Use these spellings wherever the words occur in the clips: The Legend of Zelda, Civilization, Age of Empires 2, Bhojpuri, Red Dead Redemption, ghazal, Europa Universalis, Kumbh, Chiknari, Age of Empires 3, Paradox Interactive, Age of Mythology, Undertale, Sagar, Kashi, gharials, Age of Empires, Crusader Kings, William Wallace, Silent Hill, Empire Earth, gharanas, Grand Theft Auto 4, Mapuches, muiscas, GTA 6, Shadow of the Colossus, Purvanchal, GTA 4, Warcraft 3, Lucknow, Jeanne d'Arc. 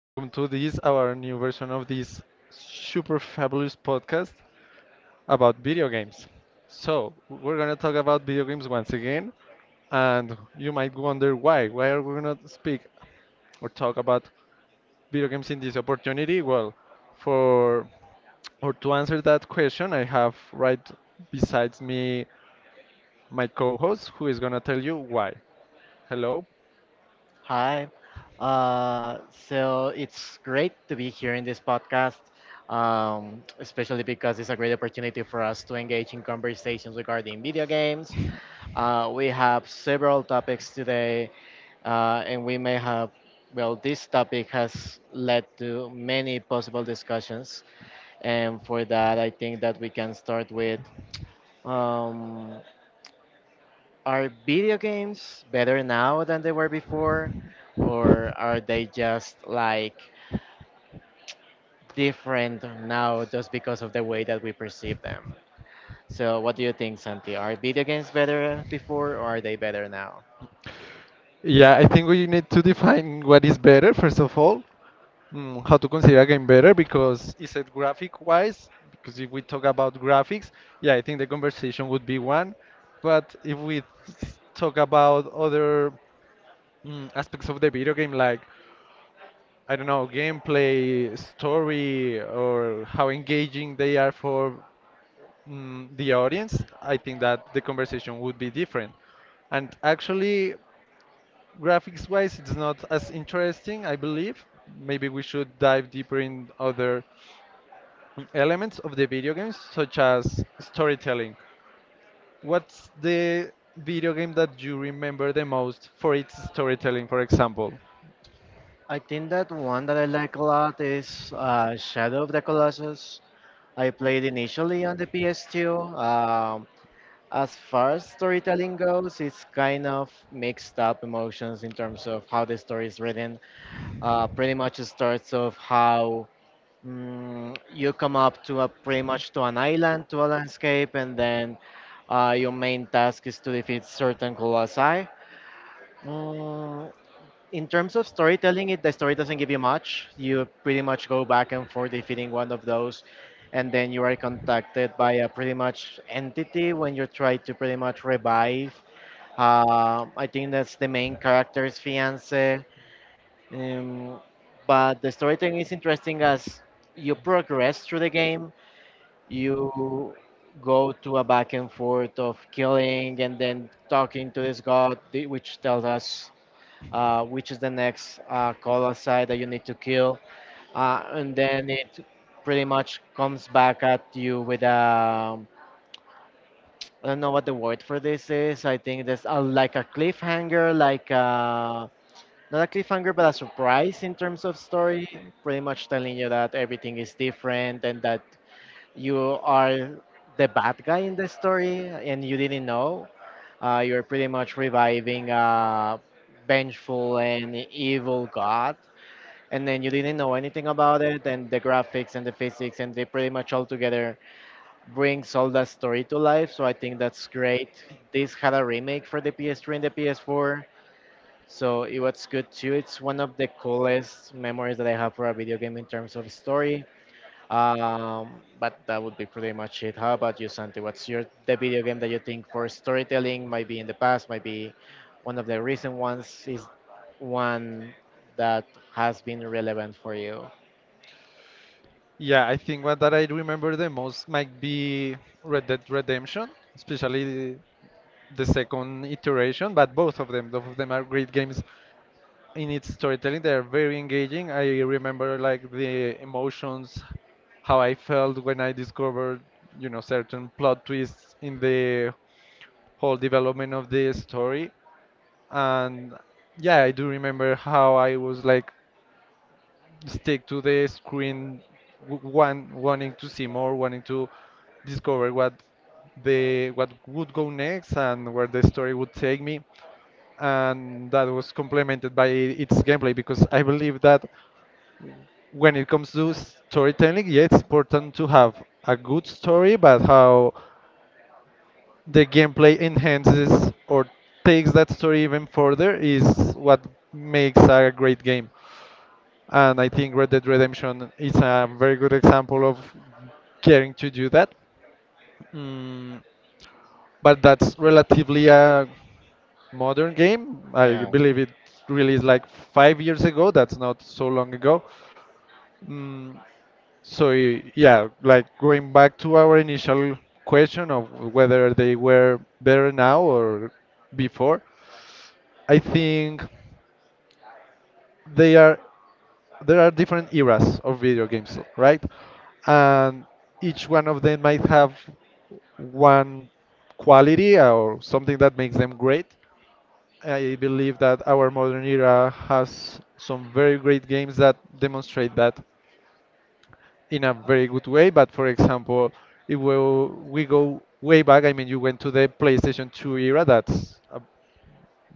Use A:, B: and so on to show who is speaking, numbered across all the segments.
A: Welcome to this our new version of this super fabulous podcast about video games. So, we're going to talk about video games once again, and you might wonder why are we going to speak or talk about video games in this opportunity? Well, for or to answer that question, I have right besides me my co-host who is going to tell you why. Hello.
B: Hi. So it's great to be here in this podcast, especially because it's a great opportunity for us to engage in conversations regarding video games. We have several topics today, and we may have, well, this topic has led to many possible discussions. And for that, I think that we can start with. Um, are video games better now than they were before? Or are they just like different now just because of the way that we perceive them? So, what do you think, Santi? Are video games better before or are they better now?
A: Yeah, I think we need to define what is better first of all, how to consider a game better. Because is it graphic wise? Because if we talk about graphics, yeah, I think the conversation would be one. But if we talk about other aspects of the video game, like I don't know, gameplay, story, or how engaging they are for the audience, I think that the conversation would be different. And actually, graphics wise, it's not as interesting, I believe. Maybe we should dive deeper in other elements of the video games, such as storytelling. What's the video game that you remember the most for its storytelling, for example?
B: I think that one that I like a lot is Shadow of the Colossus. I played initially on the PS2. As far as storytelling goes, it's kind of mixed up emotions in terms of how the story is written. Pretty much starts of how, you come up to a pretty much to an island to a landscape, and then your main task is to defeat certain colossi. Mm, in terms of storytelling, it the story doesn't give you much. You pretty much go back and forth defeating one of those, and then you are contacted by a pretty much entity when you try to pretty much revive. I think that's the main character's fiance. um, but the storytelling is interesting as you progress through the game. You go to a back and forth of killing and then talking to this god, which tells us which is the next colossi that you need to kill. And then it pretty much comes back at you with a. I don't know what the word for this is. I think there's a, like a cliffhanger, like a, not a cliffhanger, but a surprise in terms of story, pretty much telling you that everything is different and that you are the bad guy in the story and you didn't know. You're pretty much reviving a vengeful and evil god, and then you didn't know anything about it. And the graphics and the physics and they pretty much all together brings all that story to life. So I think that's great. This had a remake for the PS3 and the PS4, so it was good too. It's one of the coolest memories that I have for a video game in terms of story. Um, but that would be pretty much it. How about you, Santi? What's your the video game that you think for storytelling might be in the past, might be one of the recent ones, is one that has been relevant for you?
A: Yeah, I think one that I remember the most might be Red Dead Redemption, especially the second iteration, but both of them are great games in its storytelling. They are very engaging. I remember like the emotions, how I felt when I discovered, certain plot twists in the whole development of the story. And yeah, I do remember how I was like stick to the screen, one wanting to see more, wanting to discover what would go next and where the story would take me. And that was complemented by its gameplay, because I believe that when it comes to storytelling, yeah, it's important to have a good story, but how the gameplay enhances or takes that story even further is what makes a great game. And I think Red Dead Redemption is a very good example of caring to do that. Mm, but that's relatively a modern game. I
B: Yeah.
A: believe it released like 5 years ago. That's not so long ago. Mm, so y- yeah, like going back to our initial question of whether they were better now or before, I think they are there are different eras of video games, right? And each one of them might have one quality or something that makes them great. I believe that our modern era has some very great games that demonstrate that in a very good way. But for example, if we go way back, I mean, you went to the PlayStation 2 era. That's a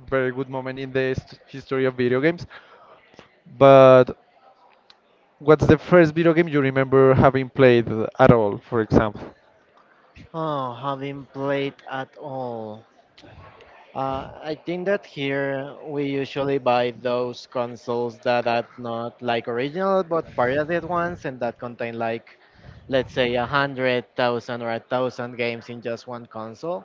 A: very good moment in the history of video games. But what's the first video game you remember having played at all, for example?
B: Oh, haven't played at all. I think that here we usually buy those consoles that are not like original but pirated ones and that contain like, let's say, a hundred thousand or a thousand games in just one console.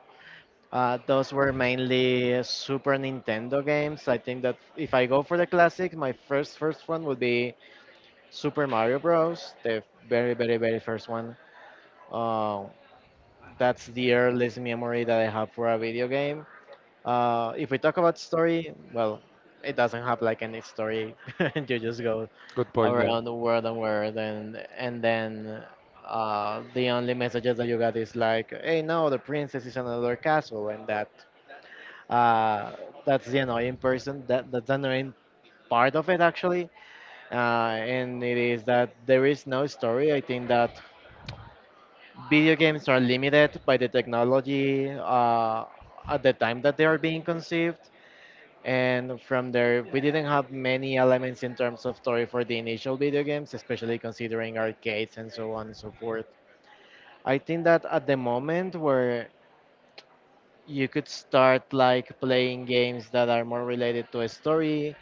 B: Those were mainly Super Nintendo games. I think that if I go for the classics, my first one would be Super Mario Bros. The very first one. Uh, that's the earliest memory that I have for a video game. If we talk about story, well, it doesn't have like any story. You just go
A: Good point, yeah.
B: around the world and then the only messages that you got is like, "Hey, no, the princess is in another castle," and that, uh, that's the annoying person. That's the annoying part of it actually, uh, and it is that there is no story. I think that video games are limited by the technology at the time that they are being conceived, and from there we didn't have many elements in terms of story for the initial video games, especially considering arcades and so on and so forth. I think that at the moment where you could start like playing games that are more related to a story,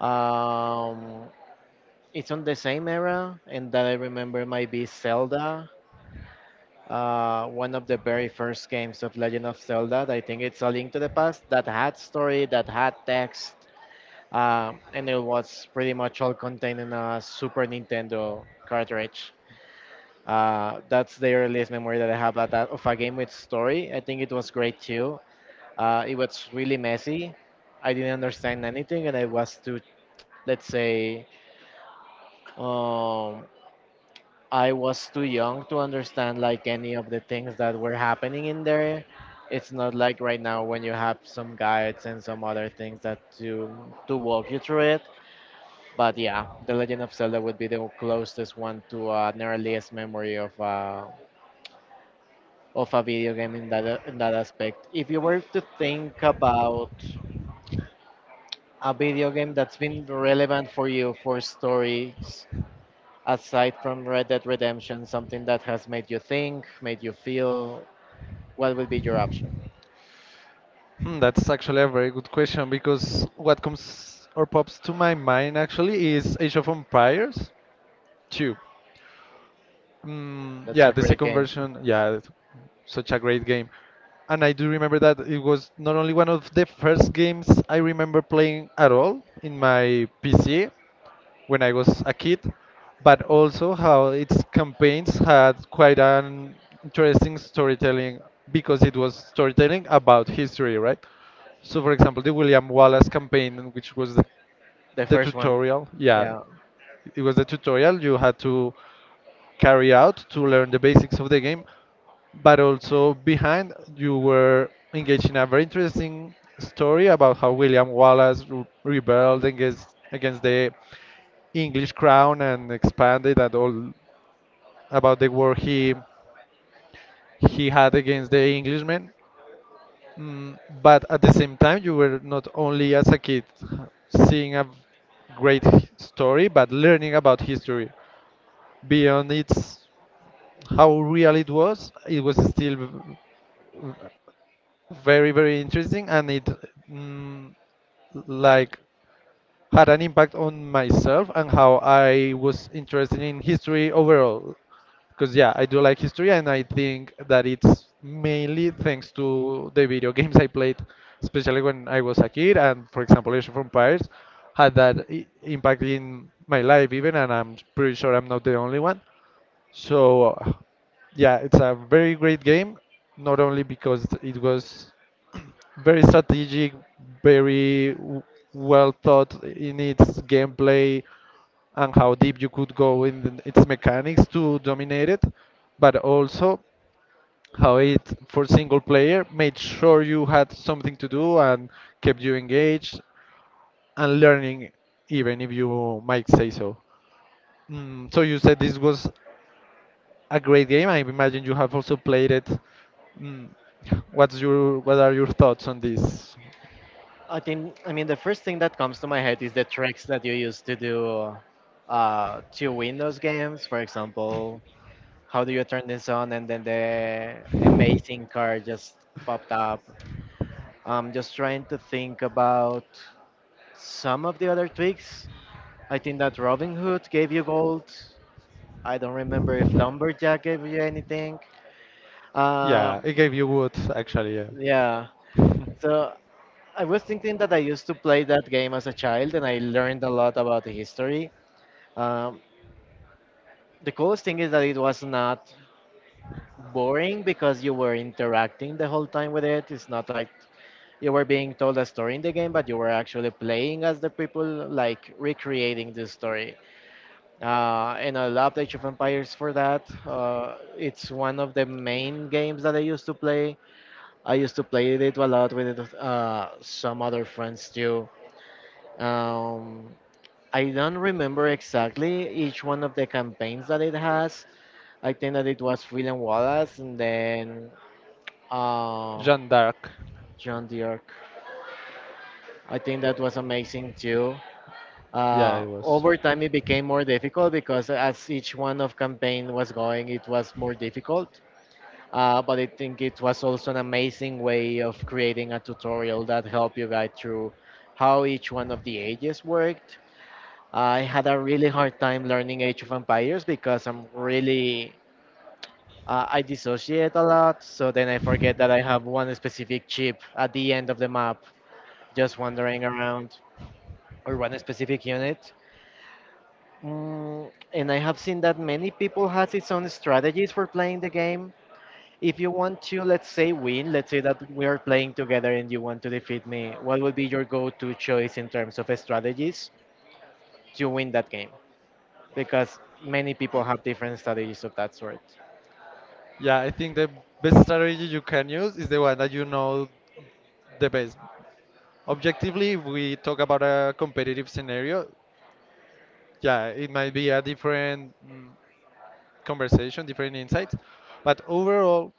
B: um, it's on the same era, and that I remember might be Zelda. One of the very first games of Legend of Zelda, I think it's A Link to the Past, that had story, that had text, and it was pretty much all contained in a Super Nintendo cartridge. That's the earliest memory that I have of that, of a game with story. I think it was great too. It was really messy. I didn't understand anything, and I was too, let's say, um, I was too young to understand like any of the things that were happening in there. It's not like right now when you have some guides and some other things that to walk you through it. But yeah, The Legend of Zelda would be the closest one to an earliest memory of a video game in that aspect. If you were to think about a video game that's been relevant for you for stories aside from Red Dead Redemption, something that has made you think, made you feel, what would be your option?
A: Hmm, that's actually a very good question, because what comes or pops to my mind actually is Age of Empires 2.
B: That's
A: Yeah,
B: a
A: the
B: great
A: second
B: game.
A: version, yeah, it's such a great game. And I do remember that it was not only one of the first games I remember playing at all in my PC when I was a kid, but also how its campaigns had quite an interesting storytelling, because it was storytelling about history, right? So, for example, the William Wallace campaign, which was the,
B: The
A: the
B: first one.
A: tutorial, yeah,
B: Yeah.
A: it was the tutorial. You had to carry out to learn the basics of the game, but also behind you were engaged in a very interesting story about how William Wallace rebelled against the English crown and expanded, and all about the war he had against the Englishmen. But at the same time, you were not only as a kid seeing a great story, but learning about history. Beyond its how real it was, it was still very very interesting, and it mm, like had an impact on myself and how I was interested in history overall. Because yeah, I do like history, and I think that it's mainly thanks to the video games I played, especially when I was a kid. And for example, Age of Empires had that impact in my life even, and I'm pretty sure I'm not the only one. So yeah, it's a very great game, not only because it was very strategic, very well thought in its gameplay and how deep you could go in its mechanics to dominate it, but also how it, for single player, made sure you had something to do and kept you engaged and learning, even if you might say so. So you said this was a great game. I imagine you have also played it. Mm, what are your thoughts on this?
B: I think, I mean, the first thing that comes to my head is the tricks that you used to do to win those games. For example, how do you turn this on, and then the amazing card just popped up. I'm just trying to think about some of the other tweaks. I think that Robin Hood gave you gold. I don't remember if Lumberjack gave you anything.
A: Yeah,
B: Um,
A: it gave you wood actually. Yeah,
B: yeah. So I was thinking that I used to play that game as a child, and I learned a lot about the history. Um, the coolest thing is that it was not boring because you were interacting the whole time with it. It's not like you were being told a story in the game, but you were actually playing as the people, like recreating the story. And I love Age of Empires for that. It's one of the main games that I used to play. I used to play it a lot with some other friends too. Um, I don't remember exactly each one of the campaigns that it has. I think that it was William Wallace, and then uh,
A: Jeanne d'Arc.
B: John Dirk. I think that was amazing too.
A: Yeah, it was.
B: Over time, it became more difficult because as each one of campaign was going, it was more difficult. But I think it was also an amazing way of creating a tutorial that helped you guide through how each one of the ages worked. I had a really hard time learning Age of Empires because I'm really. I dissociate a lot, so then I forget that I have one specific chip at the end of the map, just wandering around, or one specific unit. And I have seen that many people has its own strategies for playing the game. If you want to, let's say, win, let's say that we are playing together and you want to defeat me, what would be your go-to choice in terms of strategies to win that game? Because many people have different strategies of that sort.
A: Yeah, I think the best strategy you can use is the one that you know the best. Objectively, if we talk about a competitive scenario, yeah, it might be a different conversation, different insights. But overall,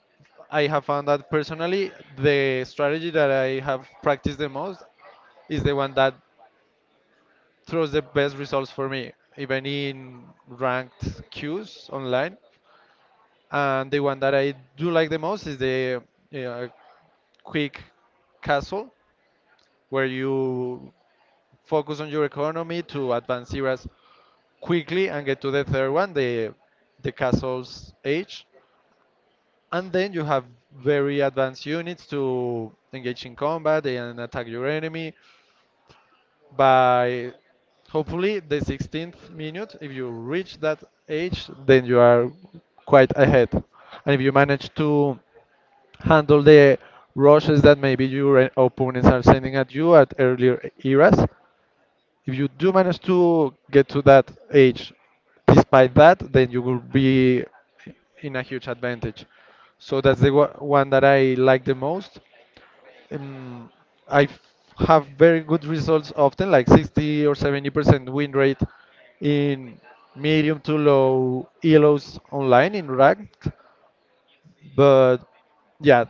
A: I have found that personally, the strategy that I have practiced the most is the one that throws the best results for me, even in ranked queues online. And the one that I do like the most is the uh, quick castle, where you focus on your economy to advance eras quickly and get to the third one, the castle's age. And then you have very advanced units to engage in combat and attack your enemy by hopefully the 16th minute. If you reach that age, then you are quite ahead, and if you manage to handle the rushes that maybe your opponents are sending at you at earlier eras, if you do manage to get to that age, despite that, then you will be in a huge advantage. So that's the one that I like the most. Um, I have very good results often, like 60 or 70% win rate in medium to low ELOs online in ranked. But yeah,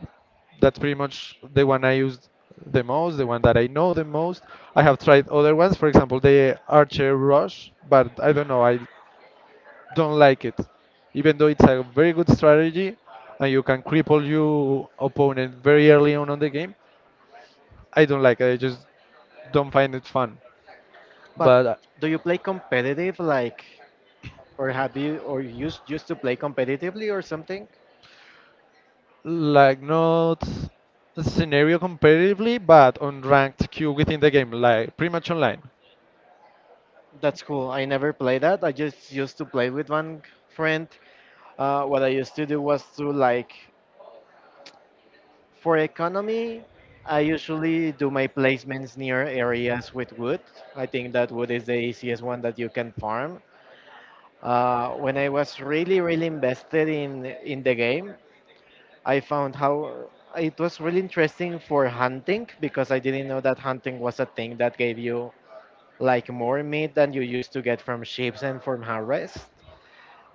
A: that's pretty much the one I used the most, the one that I know the most. I have tried other ones, for example, the Archer Rush, but I don't know, I don't like it. Even though it's a very good strategy and you can cripple your opponent very early on the game, I don't like it. I just don't find it fun.
B: But
A: But
B: do you play competitive, like, or have you or you used to play competitively or something?
A: like not scenario competitively, but on ranked queue within the game, like pretty much online.
B: That's cool. I never play that. I just used to play with one friend. What I used to do was to like, for economy, I usually do my placements near areas with wood. I think that wood is the easiest one that you can farm. When I was really invested in the game, I found how it was really interesting for hunting because I didn't know that hunting was a thing that gave you like more meat than you used to get from sheep and from harvest.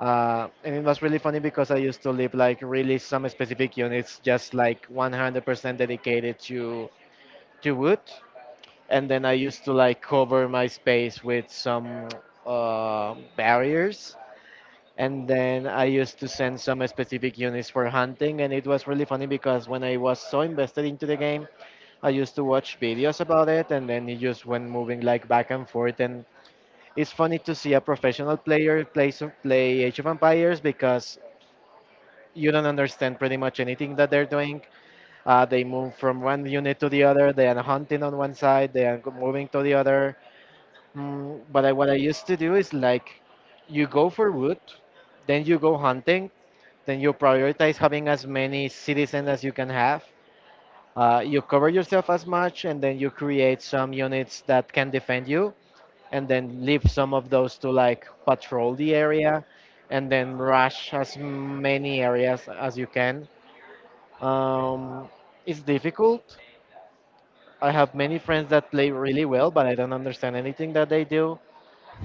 B: And it was really funny because I used to live like really some specific units just like 100% dedicated to wood, and then I used to like cover my space with some barriers. And then I used to send some specific units for hunting, and it was really funny because when I was so invested into the game, I used to watch videos about it, and then it just went moving like back and forth, and it's funny to see a professional player play some, play Age of Empires because you don't understand pretty much anything that they're doing. They move from one unit to the other. They are hunting on one side. They are moving to the other. But I, what I used to do is like, you go for wood, then you go hunting, then you prioritize having as many citizens as you can have. You cover yourself as much, and then you create some units that can defend you, and then leave some of those to like patrol the area and then rush as many areas as you can. Um, it's difficult. I have many friends that play really well, but I don't understand anything that they do.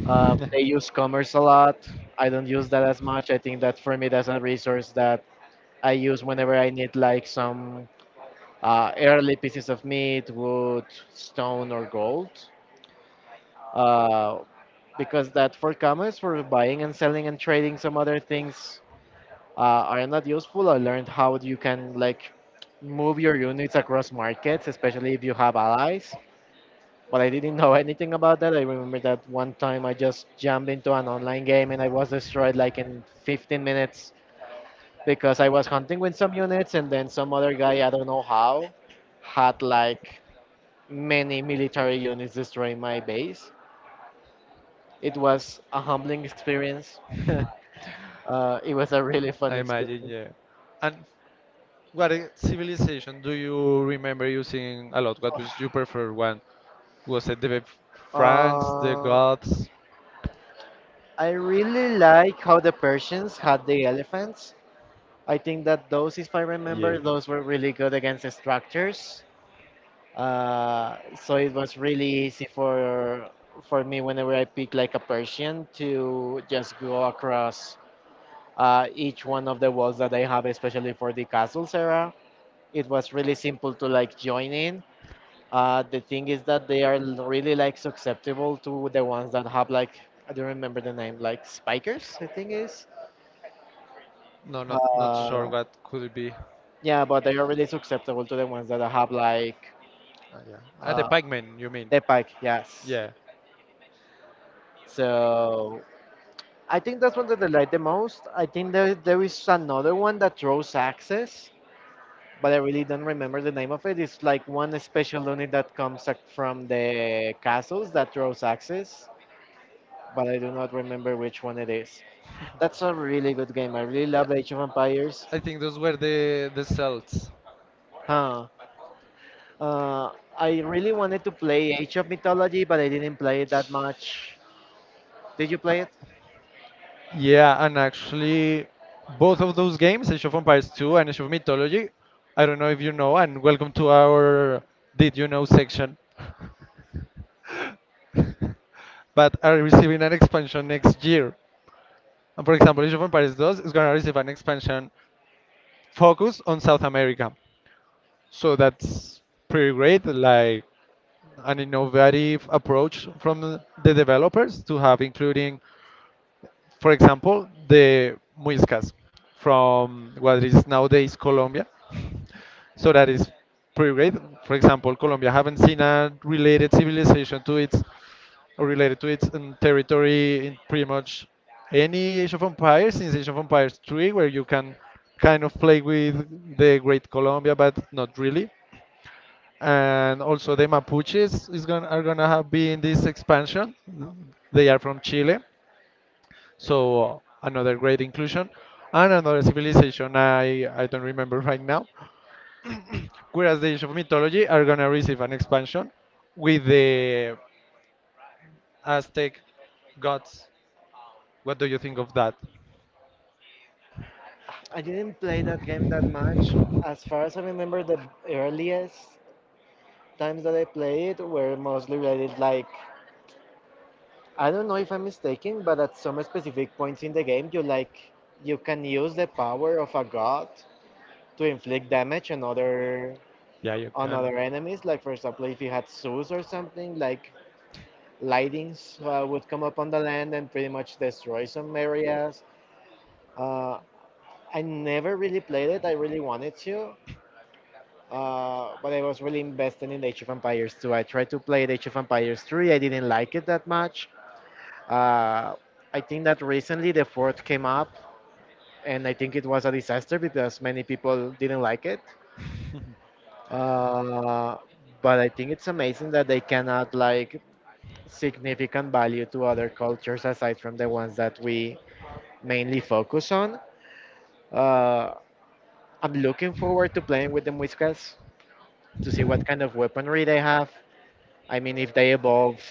B: They use commerce a lot. I don't use that as much. I think that for me, that's a resource that I use whenever I need like some early pieces of meat, wood, stone, or gold. Uh, because that for commerce, for buying and selling and trading some other things are not useful. I learned how you can like move your units across markets, especially if you have allies. But I didn't know anything about that. I remember that one time I just jumped into an online game and I was destroyed like in 15 minutes because I was hunting with some units and then some other guy, I don't know how, had like many military units destroying my base. It was a humbling experience. It was a really fun
A: I imagine,
B: experience.
A: yeah. And what civilization do you remember using a lot? What was your preferred one? Was it the Franks, the
B: Uh,
A: Goths?
B: I really like how the Persians had the elephants. I think that those, if I
A: Yeah.
B: remember, those were really good against the structures. So it was really easy for me whenever I pick like a Persian to just go across each one of the walls that I have, especially for the castles era. It was really simple to like join in. The thing is that they are really like susceptible to the ones that have like, I don't remember the name, like spikers, I think is.
A: No, not sure
B: Uh,
A: what could it be.
B: yeah, but they are really susceptible to the ones that have like
A: Ah, yeah. Ah, the
B: uh,
A: pikemen, you mean?
B: the pike. Yes.
A: Yeah.
B: So I think that's one that they like the most. I think there is another one that throws axes, but I really don't remember the name of it. It's like one special unit that comes like from the castles that throws axes, but I do not remember which one it is. That's a really good game. I really love Age of Empires.
A: I think those were the Celts.
B: Huh. Uh, I really wanted to play Age of Mythology, but I didn't play it that much. Did you play it?
A: Yeah, and actually, both of those games, Age of Empires 2 and Age of Mythology, I don't know if you know, and welcome to our Did You Know section. But are receiving an expansion next year. And for example, Age of Empires 2 is going to receive an expansion focused on South America. So that's pretty great, like an innovative approach from the developers to have, including for example, the muiscas from what is nowadays Colombia. So that is pretty great. For example, Colombia haven't seen a related civilization to its, or related to its territory in pretty much any Age of Empires since Age of Empires 3, where you can kind of play with the Great Colombia, but not really. And also the Mapuches is going are gonna have been this expansion. They are from Chile, so another great inclusion, and another civilization I don't remember right now. Whereas the Age of Mythology are gonna receive an expansion with the Aztec gods. What do you think of that?
B: I didn't play that game that much. As far as I remember, the earliest times that I played were mostly related like, I don't know if I'm mistaken, but at some specific points in the game, you like you can use the power of a god to inflict damage
A: Yeah, you
B: on
A: can.
B: other enemies. Like for example, if you had zoos or something, like lightings would come up on the land and pretty much destroy some areas. Uh, I never really played it. I really wanted to, but I was really invested in Age of Empires 2. I tried to play Age of Empires 3. I didn't like it that much. Uh, I think that recently the fourth came up, and I think it was a disaster because many people didn't like it. Uh, but I think it's amazing that they cannot like significant value to other cultures aside from the ones that we mainly focus on. Uh, I'm looking forward to playing with the Muiscas to see what kind of weaponry they have. I mean, if they evolve,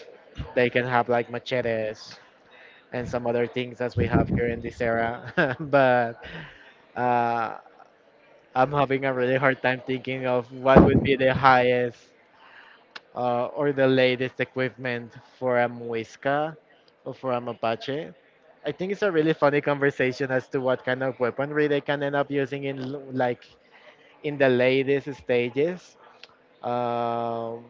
B: they can have like machetes and some other things as we have here in this era. but uh, I'm having a really hard time thinking of what would be the highest or the latest equipment for a Muisca or for a Mapache. I think it's a really funny conversation as to what kind of weaponry they can end up using in like in the latest stages. Um,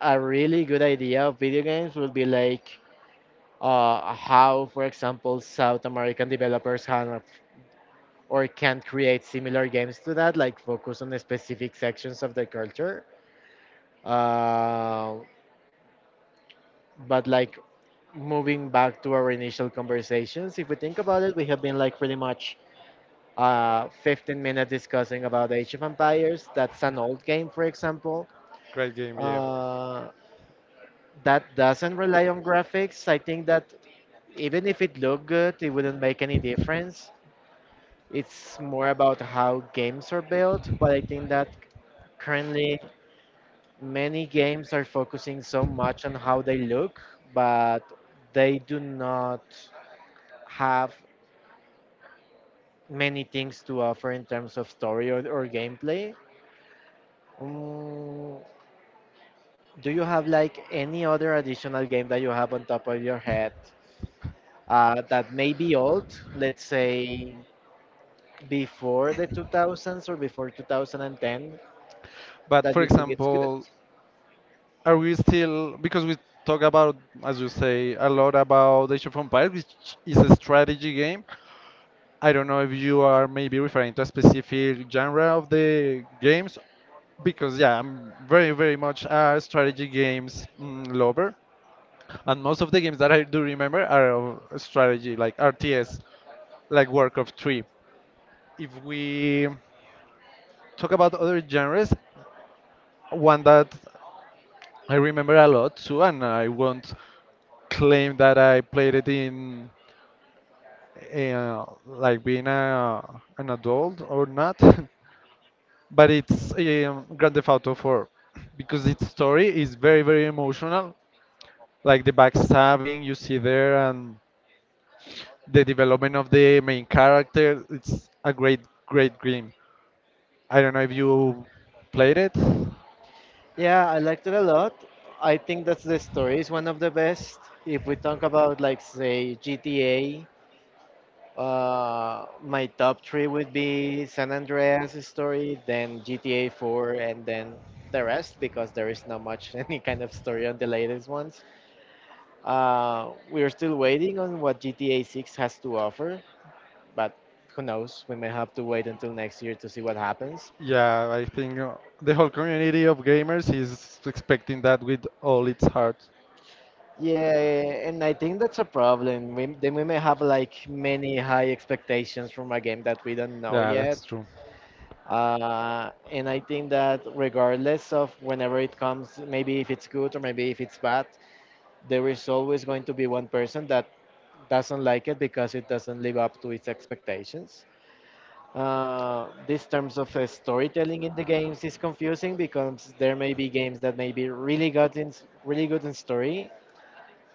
B: a really good idea of video games would be like, how, for example, South American developers have or can create similar games to that, like focus on the specific sections of the culture. Uh, but like moving back to our initial conversations, if we think about it, we have been like pretty much 15 minutes discussing about Age of Empires. That's an old game, for example.
A: Great game, yeah.
B: Uh, that doesn't rely on graphics. I think that even if it looked good, it wouldn't make any difference. It's more about how games are built, but I think that currently many games are focusing so much on how they look, but they do not have many things to offer in terms of story or gameplay. Mm, do you have like any other additional game that you have on top of your head that may be old, let's say before the 2000s or before 2010,
A: But
B: that
A: for
B: you think it's good?
A: example, are we still, because we talk about, as you say, a lot about Age of Empires, which is a strategy game. I don't know if you are maybe referring to a specific genre of the games, because yeah, I'm very, very much a strategy games lover, and most of the games that I do remember are of strategy, like RTS, like Warcraft 3. If we talk about other genres, one that I remember a lot too, and I won't claim that I played it in like being an adult or not, but it's Grand Theft Auto 4, because its story is very very emotional. Like the backstabbing you see there and the development of the main character. It's a great great game. I don't know if you played it.
B: Yeah, I liked it a lot. I think that's the story is one of the best. If we talk about like say GTA, my top three would be San Andreas story, then GTA 4, and then the rest because there is not much any kind of story on the latest ones. We are still waiting on what GTA 6 has to offer, but who knows? We may have to wait until next year to see what happens.
A: Yeah, I think the whole community of gamers is expecting that with all its heart.
B: Yeah, and I think that's a problem. We, then we may have like many high expectations from a game that we don't know
A: Yeah,
B: yet.
A: that's true.
B: And I think that regardless of whenever it comes, maybe if it's good or maybe if it's bad, there is always going to be one person that doesn't like it because it doesn't live up to its expectations. This terms of storytelling in the games is confusing because there may be games that may be really good in story,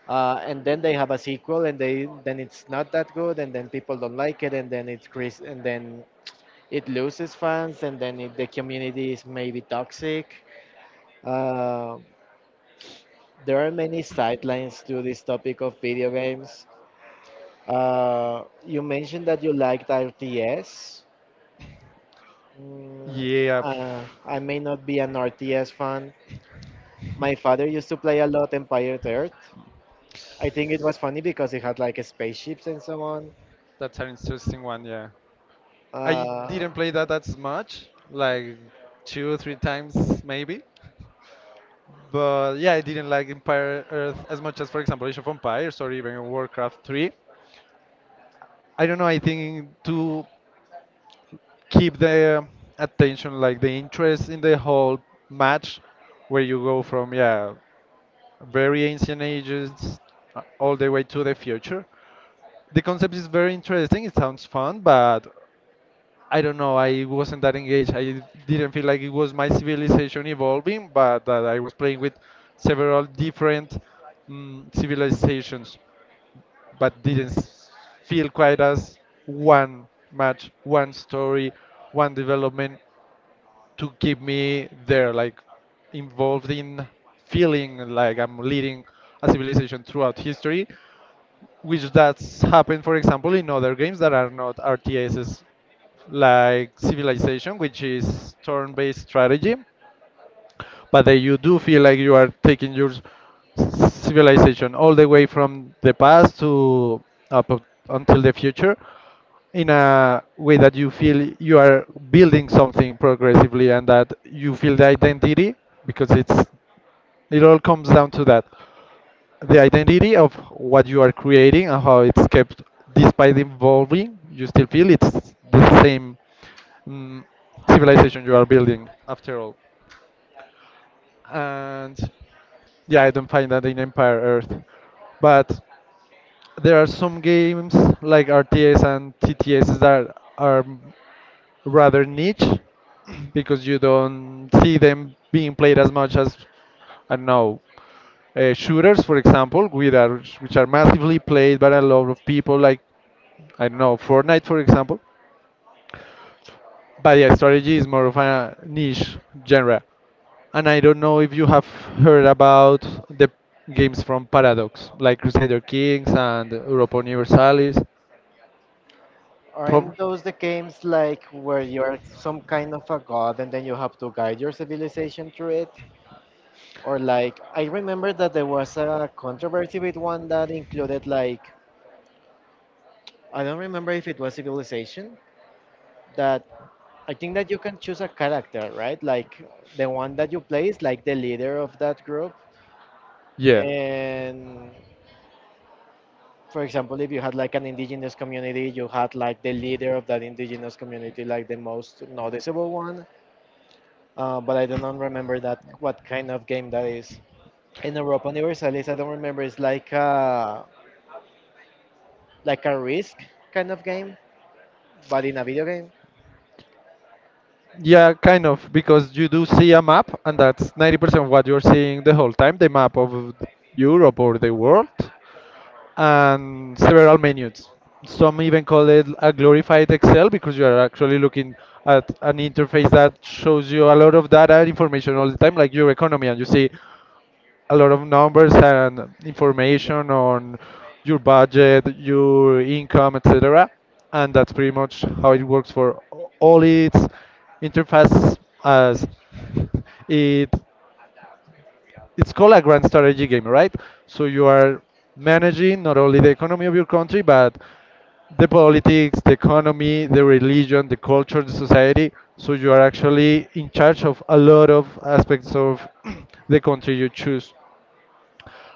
B: and then they have a sequel and they then it's not that good and then people don't like it and then it's Chris and then it loses fans and then it, the community is maybe toxic. Uh, there are many sidelines to this topic of video games. You mentioned that you liked RTS. Mm,
A: Yeah,
B: uh, I may not be an RTS fan. My father used to play a lot Empire Earth. I think it was funny because it had like spaceships and so on.
A: that's an interesting one. Yeah, I
B: Uh,
A: didn't play that that much, like two, three times maybe. But yeah, I didn't like Empire Earth as much as, for example, Age of Empires or even Warcraft 3. I don't know, I think to keep the attention, like the interest in the whole match, where you go from, yeah, very ancient ages all the way to the future. The concept is very interesting, it sounds fun, but I don't know. I wasn't that engaged. I didn't feel like it was my civilization evolving, but that I was playing with several different civilizations, but didn't s- feel quite as one match, one story, one development to keep me there, like involved in feeling like I'm leading a civilization throughout history which that's happened, for example, in other games that are not RTSs, like Civilization, which is turn-based strategy but that you do feel like you are taking your civilization all the way from the past to up until the future in a way that you feel you are building something progressively and that you feel the identity because it all comes down to that, the identity of what you are creating and how it's kept despite evolving. You still feel it's the same, mm, civilization you are building after all. And yeah, I don't find that in Empire Earth. But there are some games like RTS and TTS that are rather niche because you don't see them being played as much as, I don't know, shooters, for example, which are massively played by a lot of people, like, I don't know, Fortnite, for example. But yeah, strategy is more of a niche genre. And I don't know if you have heard about the games from Paradox, like Crusader Kings and Europa Universalis. From
B: aren't those the games like where you're some kind of a god and then you have to guide your civilization through it? Or like I remember that there was a controversy with one that included like, I don't remember if it was Civilization that, I think that you can choose a character, right? Like the one that you play is like the leader of that group.
A: yeah,
B: And for example, if you had like an indigenous community, you had like the leader of that indigenous community, like the most noticeable one. But I don't remember that what kind of game that is. In Europa Universalis, I don't remember. It's like a risk kind of game, but in a video game.
A: yeah, kind of, because you do see a map, and that's 90% of what you're seeing the whole time, the map of Europe or the world. And several menus. Some even call it a glorified Excel because you are actually looking at an interface that shows you a lot of data and information all the time, like your economy, and you see a lot of numbers and information on your budget, your income, etc. And that's pretty much how it works for all its interfaces as it it's called a grand strategy game, right? So you are managing not only the economy of your country, but the politics, the economy, the religion, the culture, the society. So you are actually in charge of a lot of aspects of the country you choose.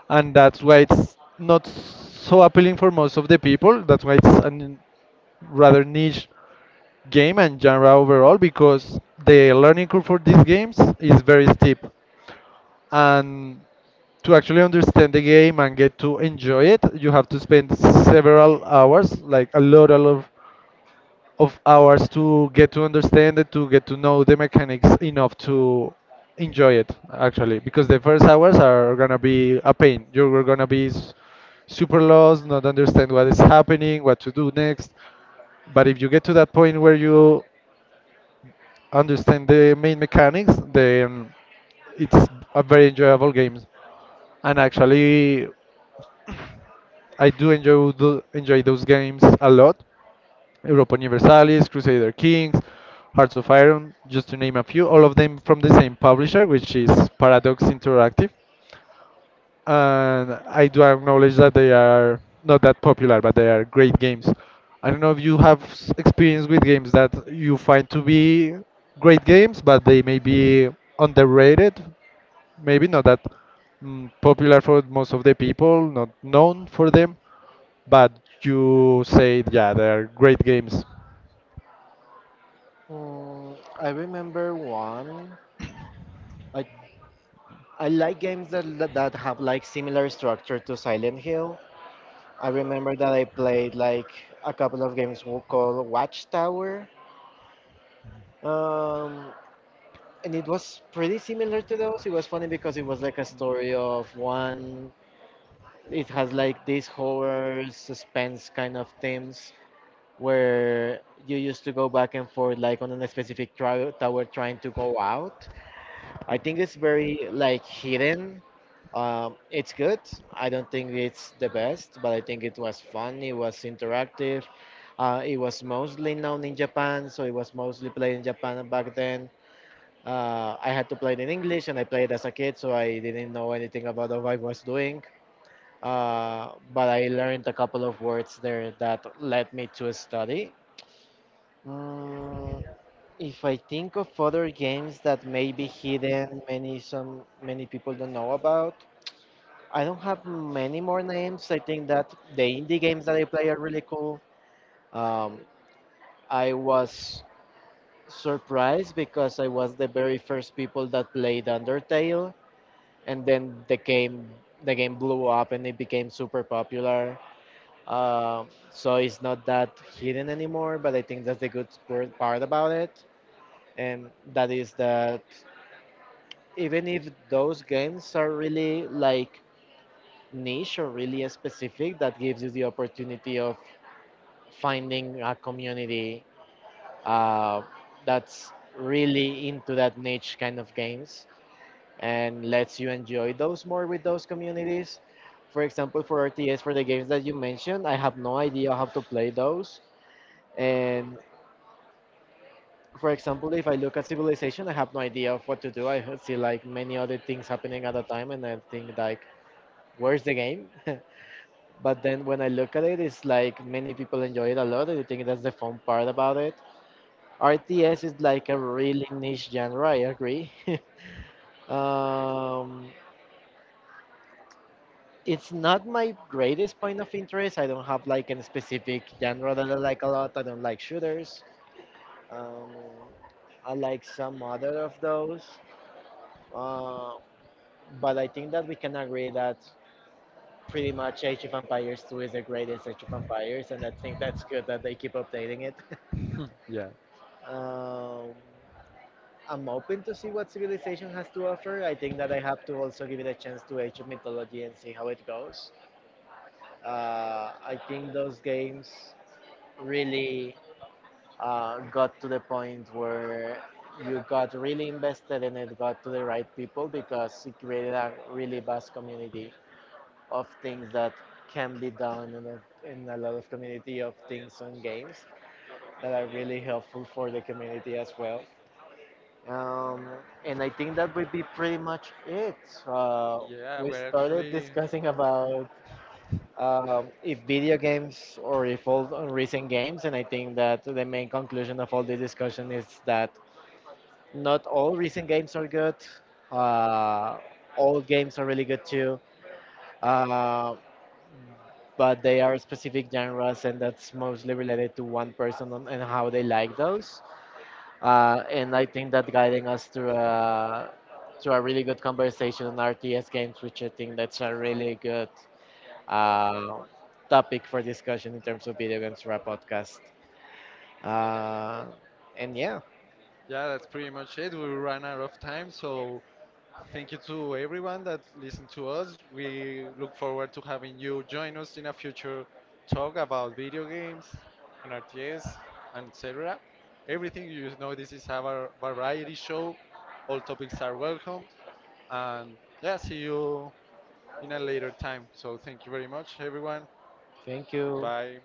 A: And that's why it's not so appealing for most of the people. That's why it's a rather niche game and genre overall because the learning curve for these games is very steep and to actually understand the game and get to enjoy it, you have to spend several hours, like a lot of hours to get to understand it, to get to know the mechanics enough to enjoy it, actually. Because the first hours are gonna be a pain. You're gonna be s- Super lost, not understand what is happening, what to do next. But if you get to that point where you understand the main mechanics, then it's a very enjoyable game. And actually, I do enjoy those games a lot. Europa Universalis, Crusader Kings, Hearts of Iron, just to name a few, all of them from the same publisher, which is Paradox Interactive. And I do acknowledge that they are not that popular, but they are great games. I don't know if you have experience with games that you find to be great games, but they may be underrated, maybe not that popular for most of the people, not known for them, but you say, yeah, they are great games.
B: Mm, I remember one. Like I like games that have like similar structure to Silent Hill. I remember that I played like a couple of games called Watchtower, um, and it was pretty similar to those. It was funny because it was like a story of one. It has like these horror suspense kind of themes, where you used to go back and forth like on a specific tower trying to go out. I think it's very like hidden. It's good. I don't think it's the best, but I think it was fun. It was interactive. It was mostly known in Japan, so it was mostly played in Japan back then. I had to play it in English, and I played as a kid, so I didn't know anything about what I was doing. But I learned a couple of words there that led me to study. Mm, if I think of other games that may be hidden, many people don't know about. I don't have many more names. I think that the indie games that I play are really cool. Um, I was surprised because I was the very first people that played Undertale, and then the game blew up and it became super popular. So it's not that hidden anymore, but I think that's the good part about it. And that is that even if those games are really like niche or really specific, that gives you the opportunity of finding a community uh, that's really into that niche kind of games and lets you enjoy those more with those communities. For example, for RTS, for the games that you mentioned, I have no idea how to play those, and for example, if I look at civilization, I have no idea of what to do. I see like many other things happening at the time, and I think like, where's the game? But then when I look at it, it's like many people enjoy it a lot, and I think that's the fun part about it. RTS is like a really niche genre. I agree. um, it's not my greatest point of interest. I don't have like a specific genre that I like a lot. I don't like shooters. Um, I like some other of those. Uh, But I think that we can agree that pretty much Age of Empires 2 is the greatest Age of Empires, and I think that's good that they keep updating it.
A: Hmm, yeah.
B: um, I'm open to see what Civilization has to offer. I think that I have to also give it a chance to Age of Mythology and see how it goes. I think those games really got to the point where you got really invested and it got to the right people because it created a really vast community of things that can be done in in a lot of community of things on games that are really helpful for the community as well. Um, and I think that would be pretty much it. Uh,
A: Yeah,
B: we
A: we're
B: started
A: actually.
B: discussing about if video games or if old or recent games, and I think that the main conclusion of all this discussion is that not all recent games are good. Uh, old games are really good too. Uh, but they are specific genres, and that's mostly related to one person and how they like those. And I think that guiding us through a really good conversation on RTS games, which I think that's a really good uh, topic for discussion in terms of video games for a podcast. Uh, and yeah,
A: Yeah, that's pretty much it. We ran out of time, so thank you to everyone that listened to us. We look forward to having you join us in a future talk about video games and RTS and etc. Everything you know, this is a variety show. All topics are welcome, and yeah, see you in a later time. So thank you very much, everyone.
B: thank you
A: Goodbye.